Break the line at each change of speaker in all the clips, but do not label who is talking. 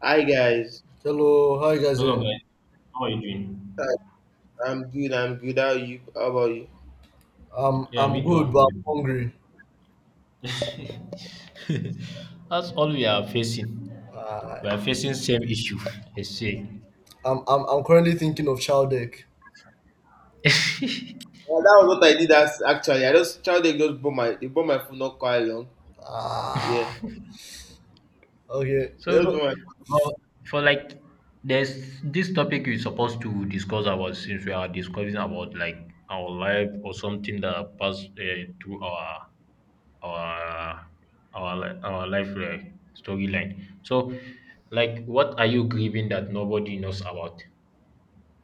Hi guys.
Hello, how you guys
Hello
doing?
guys, how are you
Uh,
doing?
I'm good. I'm good. How are you? How about you?
I'm
Yeah,
I'm
me too,
good, but
I'm
I'm
good.
hungry.
That's all we are facing.
Uh,
We are facing same issue, I say.
I'm currently thinking of child egg.
Well, that was what I did. As actually, I just tried to just bought my they bought my phone not quite long. Yeah,
Ah, okay.
so,
they just bought my
well, for like, there's this topic we're supposed to discuss about, since we are discussing about like our life or something that passed through our our our life storyline. So, like, what are you grieving that nobody knows about?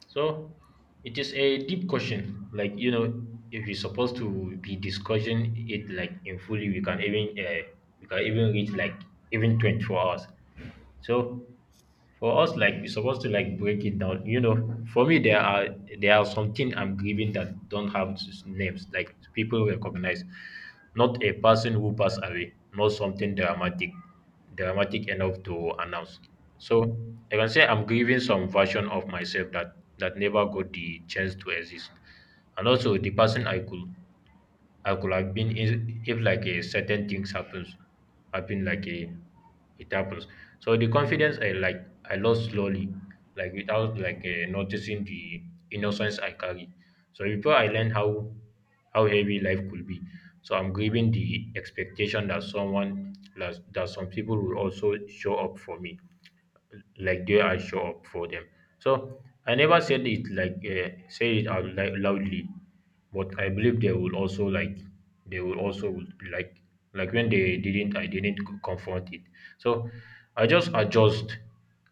So it is a deep question. Like you know, if you're supposed to be discussing it like in fully, we can even reach like even 24 hours. So for us, like we're supposed to like break it down. You know, for me there are some things I'm grieving that don't have names, like people recognize. Not a person who passed away, not something dramatic, dramatic enough to announce. So I can say I'm grieving some version of myself that never got the chance to exist. And also the person I could have been if like a certain things happen like a it happens. So the confidence I I lost slowly, like without noticing the innocence I carry. So before I learned how heavy life could be, so I'm grieving the expectation that that some people will also show up for me, like they are show up for them. So I never said it like say it out loudly, but I believe they will also like they will also would be like when they didn't I didn't confront it. So I just adjust,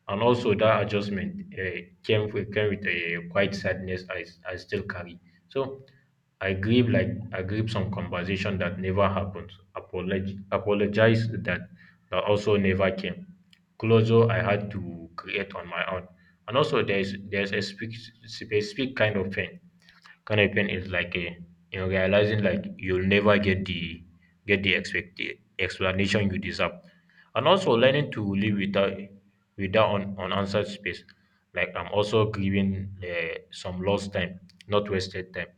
and also that adjustment came with a quite sadness I still carry. So I grieve I grieve some conversation that never happened. Apologize that that also never came. Closure I had to create on my own. And also there's a specific, specific kind of pain is like a you know, realizing like you'll never get the explanation you deserve, and also learning to live without unanswered space. Like I'm also grieving some lost time, not wasted time,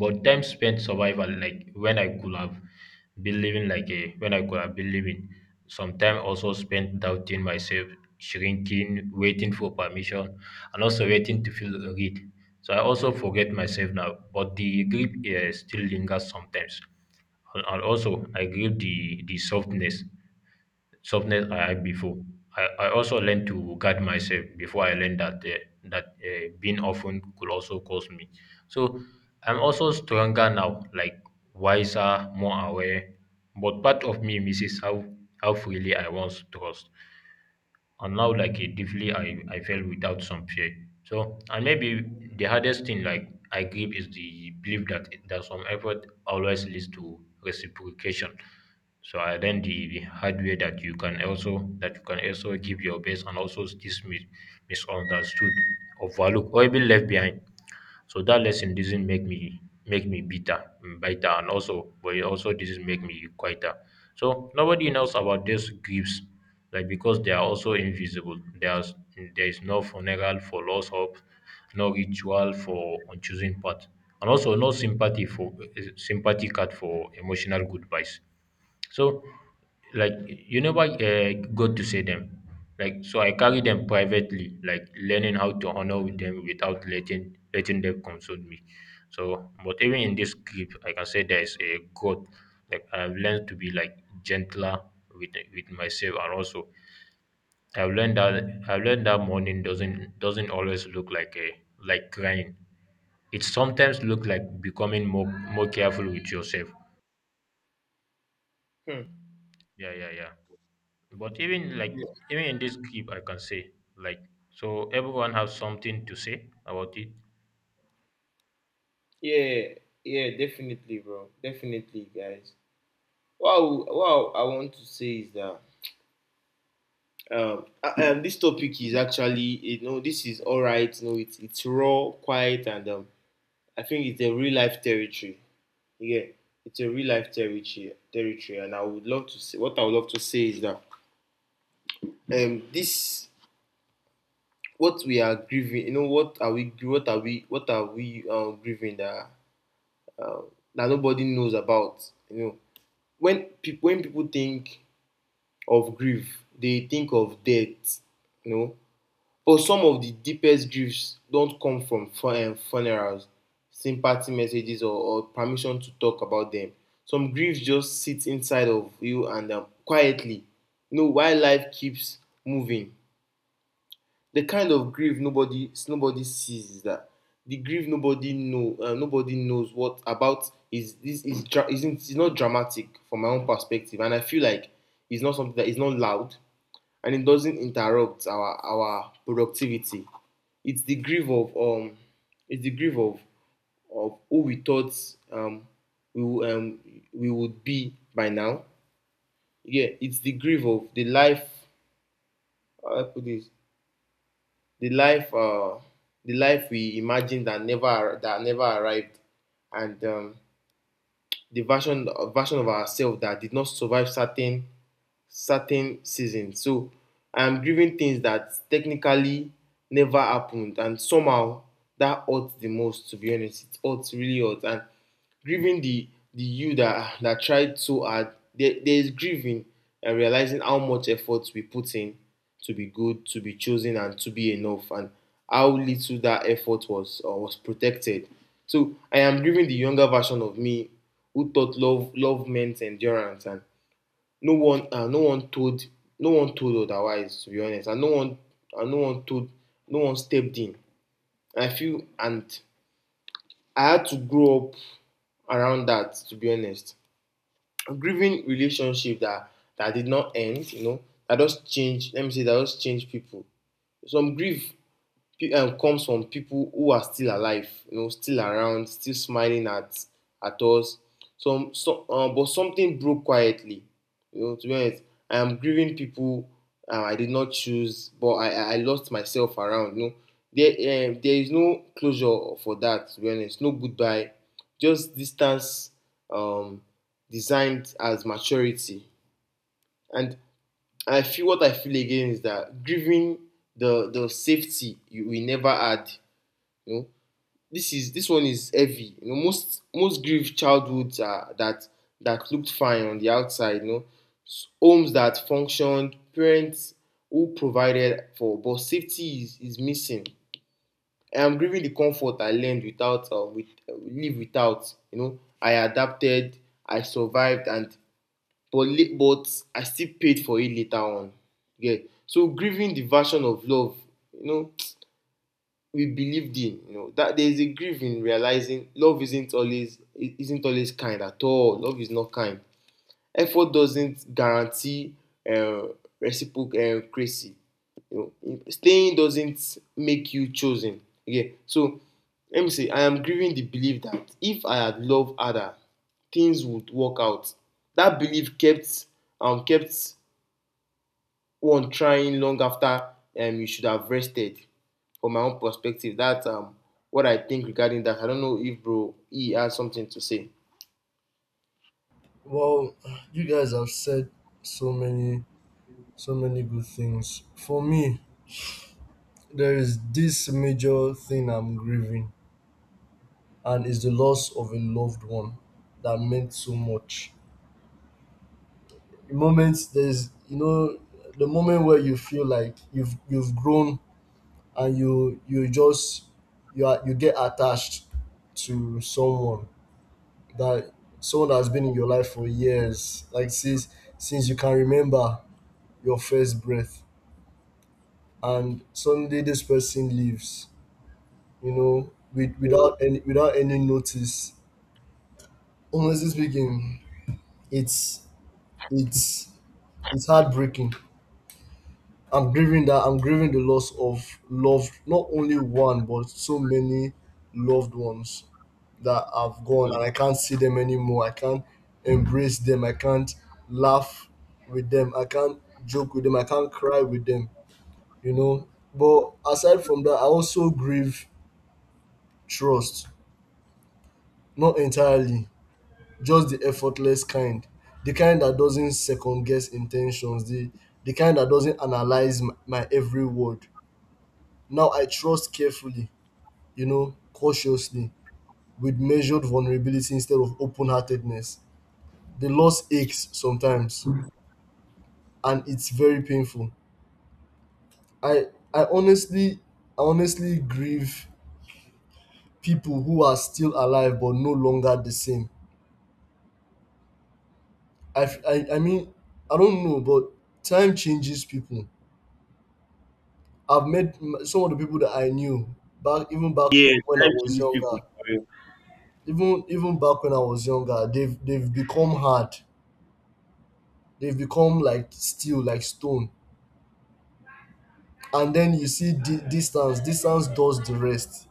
but time spent survival, like when I could have been living, like a when I could have been living, some time also spent doubting myself, shrinking, waiting for permission, and also waiting to feel read. So I also forget myself now, but the grip still lingers sometimes. And also, I grieve the softness I had before. I also learned to guard myself before I learned that that being often could also cause me. So I'm also stronger now, like wiser, more aware. But part of me misses how freely I once trust, and now like a deeply I felt without some fear. So and maybe the hardest thing like I give is the belief that some effort always leads to reciprocation. So I learned the hard way that you can also give your best and also this misunderstood, overlooked, or even left behind. So that lesson doesn't make me bitter, and also, but it also doesn't make me quieter. So nobody knows about these griefs, like because they are also invisible. There is no funeral for lost hope, no ritual for choosing path, and also no sympathy for sympathy card for emotional goodbyes. So, like you never got to see them. Like so, I carry them privately, like learning how to honor with them without letting them console me. So, but even in this clip, I can say there is a growth. Like I've learned to be like gentler with myself, and also I've learned that mourning doesn't always look like a like crying. It sometimes look like becoming more more careful with yourself.
hmm.
Yeah, yeah, yeah. But even like
Yeah,
even in this clip I can say, like, so everyone has something to say about it.
yeah yeah definitely bro, definitely guys. Wow, I want to say is that this topic is actually, you know, this is all right, you know, it's raw, quiet, and I think it's a real life territory. Yeah, it's a real life territory, and I would love to say, what I would love to say is that this, what we are grieving, you know, what are we grieving that uh, that nobody knows about, you know. When people think of grief, they think of death, you know. But some of the deepest griefs don't come from funerals, sympathy messages, or permission to talk about them. Some griefs just sit inside of you and quietly, you know, while life keeps moving. The kind of grief nobody sees is that the grief nobody knows what about, is this is dra- isn't it's not dramatic from my own perspective, and I feel like it's not something that is not loud, and it doesn't interrupt our productivity. It's the grief of it's the grief of of who we thought um we wo- um we would be by now. Yeah, it's the grief of the life, how do I put this, the life uh, the life we imagined, that never ar- that never arrived, and the version of ourselves that did not survive certain certain seasons. So I'm grieving things that technically never happened, and somehow that hurts the most. To be honest, it hurts, really hurts. And grieving the you that tried so hard. There is grieving and realizing how much effort we put in to be good, to be chosen, and to be enough, and how little that effort was protected. So I am grieving the younger version of me who thought love meant endurance, and no one uh, no one told no one told otherwise, to be honest, and no one told, no one stepped in, I feel, and I had to grow up around that, to be honest. A grieving relationship that that did not end, you know, that just changed. Let me say that just changed people. Some grief comes from people who are still alive, you know, still around, still smiling at us. Some But something broke quietly. You know, to be honest, I am grieving people I did not choose, but I lost myself around. You know, there is no closure for that. To be honest, no goodbye, just distance, um, designed as maturity. And I feel what I feel again is that grieving the safety you, we never had, you know. This is, this one is heavy. You know, most most grief childhoods are that that looked fine on the outside. You know, homes that functioned, parents who provided for, but safety is missing. I am grieving the comfort I learned without with live without. You know, I adapted, I survived, and but I still paid for it later on. Yeah. So grieving the version of love, you know, we believed in. You know that there is a grief in realizing love isn't always kind at all. Love is not kind. Effort doesn't guarantee uh, reciprocity. You know, staying doesn't make you chosen. Okay, so let me say I am grieving the belief that if I had loved harder, things would work out. That belief kept kept one trying long after you should have rested. From my own perspective, that's what I think regarding that. I don't know if bro E has something to say.
well, you guys have said so many so many good things. For me, there is this major thing I'm grieving, and it's the loss of a loved one that meant so much. Moments there's you know the moment where you feel like you've grown and you just you are you get attached to that someone that has been in your life for years, like since you can remember your first breath, and suddenly this person leaves, you know, without any notice. Honestly speaking, it's it's it's heartbreaking. I'm grieving the loss of loved, not only one but so many loved ones that have gone, and I can't see them anymore. I can't embrace them. I can't laugh with them. I can't joke with them. I can't cry with them. You know. But aside from that, I also grieve trust. Not entirely. Just the effortless kind. The kind that doesn't second guess intentions. The kind that doesn't analyze my every word. Now I trust carefully, you know, cautiously, with measured vulnerability instead of open heartedness. The loss aches sometimes, and it's very painful. I I honestly I honestly grieve people who are still alive but no longer the same. I, f- I mean, I don't know, but time changes people. I've some of the people that I knew back, even back when I was
These people
younger.
for real.
Even back when I was younger, they've become hard. They've become like steel, like stone. And then you see distance. Distance does the rest.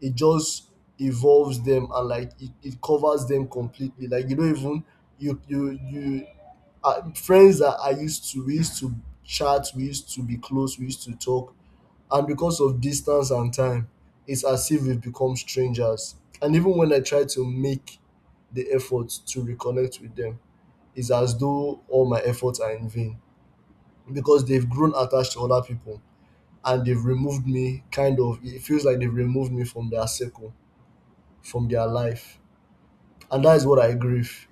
It just evolves them, and like it covers them completely. Like you don't even you you you friends that I used to we used to chat, we used to be close, we used to talk, and because of distance and time, it's as if we've become strangers. And even when I try to make the effort to reconnect with them, it's as though all my efforts are in vain, because they've grown attached to other people and they've removed me, kind of it feels like they've removed me from their circle, from their life. And that is what I grieve,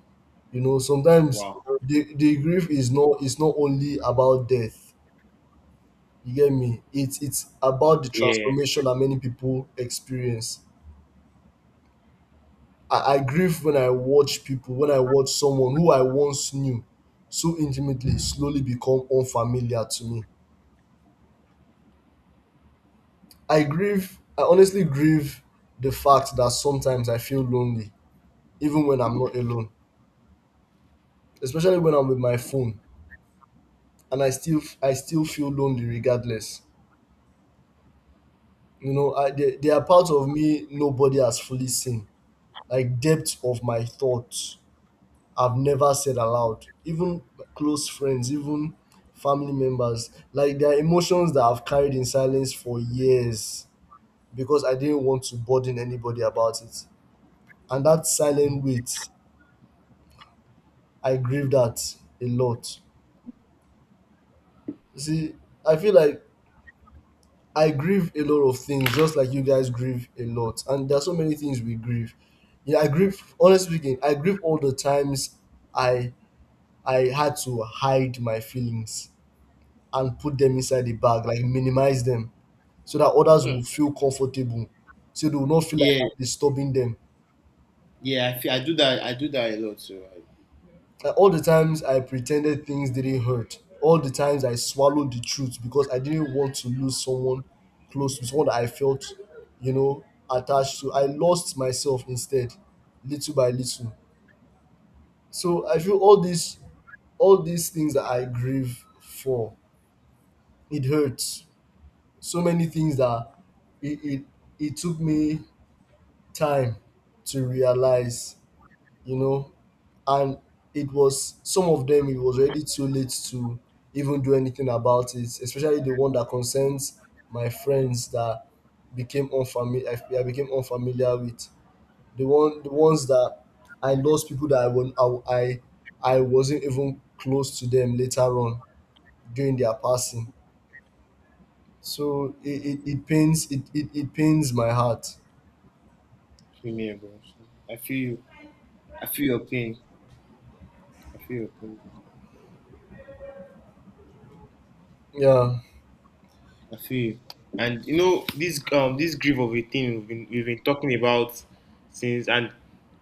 you know. Sometimes
Wow.
the grief is not, it's not only about death, you get me. It's about the
Yeah.
transformation that many people experience. I grieve when I watch people, when I watch someone who I once knew so intimately slowly become unfamiliar to me. I grieve, I honestly grieve the fact that sometimes I feel lonely, even when I'm not alone, especially when I'm with my phone, and I still feel lonely regardless. They are parts of me nobody has fully seen, like depths of my thoughts I've never said aloud, even close friends, even family members. Like there are emotions that I've carried in silence for years because I didn't want to burden anybody about it, and that silent weight, I grieve that a lot. You see, I feel like I grieve a lot of things, just like you guys grieve a lot. And there are so many things we grieve. Yeah, I grieve. Honestly speaking, I grieve all the times I I had to hide my feelings and put them inside the bag, like minimize them, so that others
Mm.
will feel comfortable, so they will not feel like
Yeah,
I'm disturbing them.
yeah, I feel I do that. I do that a lot too. I,
All the times I pretended things didn't hurt. All the times I swallowed the truth because I didn't want to lose someone close, to someone that I felt, you know, attached to. I lost myself instead, little by little. So I feel all these things that I grieve for, it hurts. So many things that it it, it took me time to realize, you know. And it was, some of them it was already too late to even do anything about it, especially the one that concerns my friends that became unfamiliar. I became unfamiliar with the ones that I lost, people that I won I wasn't even close to them later on during their passing. So
mm,
it pains, it pains my heart.
feel me, bro. So I feel you. I feel your pain. I feel your pain.
Yeah,
I feel you. And you know this this grief of a thing we've been talking about since, and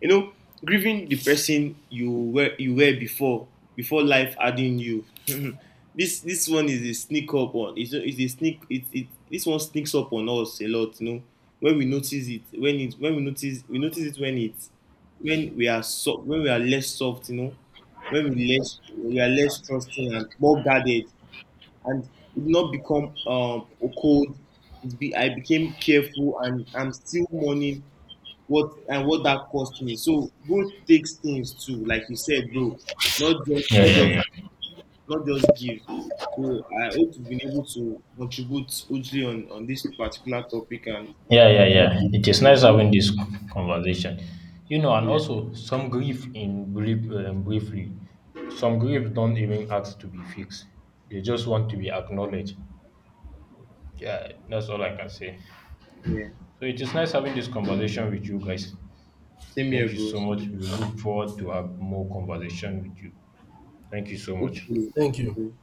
you know, grieving the person you were before before life adding you. This one is a sneak up on. It's a sneak. It This one sneaks up on us a lot. You know when we notice it, when it, when we notice it when it's, when we are soft, when we are less soft. You know, when we less we are less trusting and more guarded, and it did not become a cold. It be I became careful, and I'm still mourning what that cost me. So growth takes things too, like you said, bro. Not just
Yeah,
not just
yeah, yeah.
not just give. So I hope you've been able to contribute hugely on this particular topic, and
Yeah, yeah, yeah. It is nice having this conversation. You know, and
yeah,
also some grief in brief, briefly, some grief don't even ask to be fixed. They just want to be acknowledged. Yeah, that's all I can say.
yeah,
So it is nice having this conversation with you guys.
same here,
Thank you
bro.
so
So,
much. We look forward to have more conversation with you. Thank you so much.
hopefully,
thank you.
hopefully.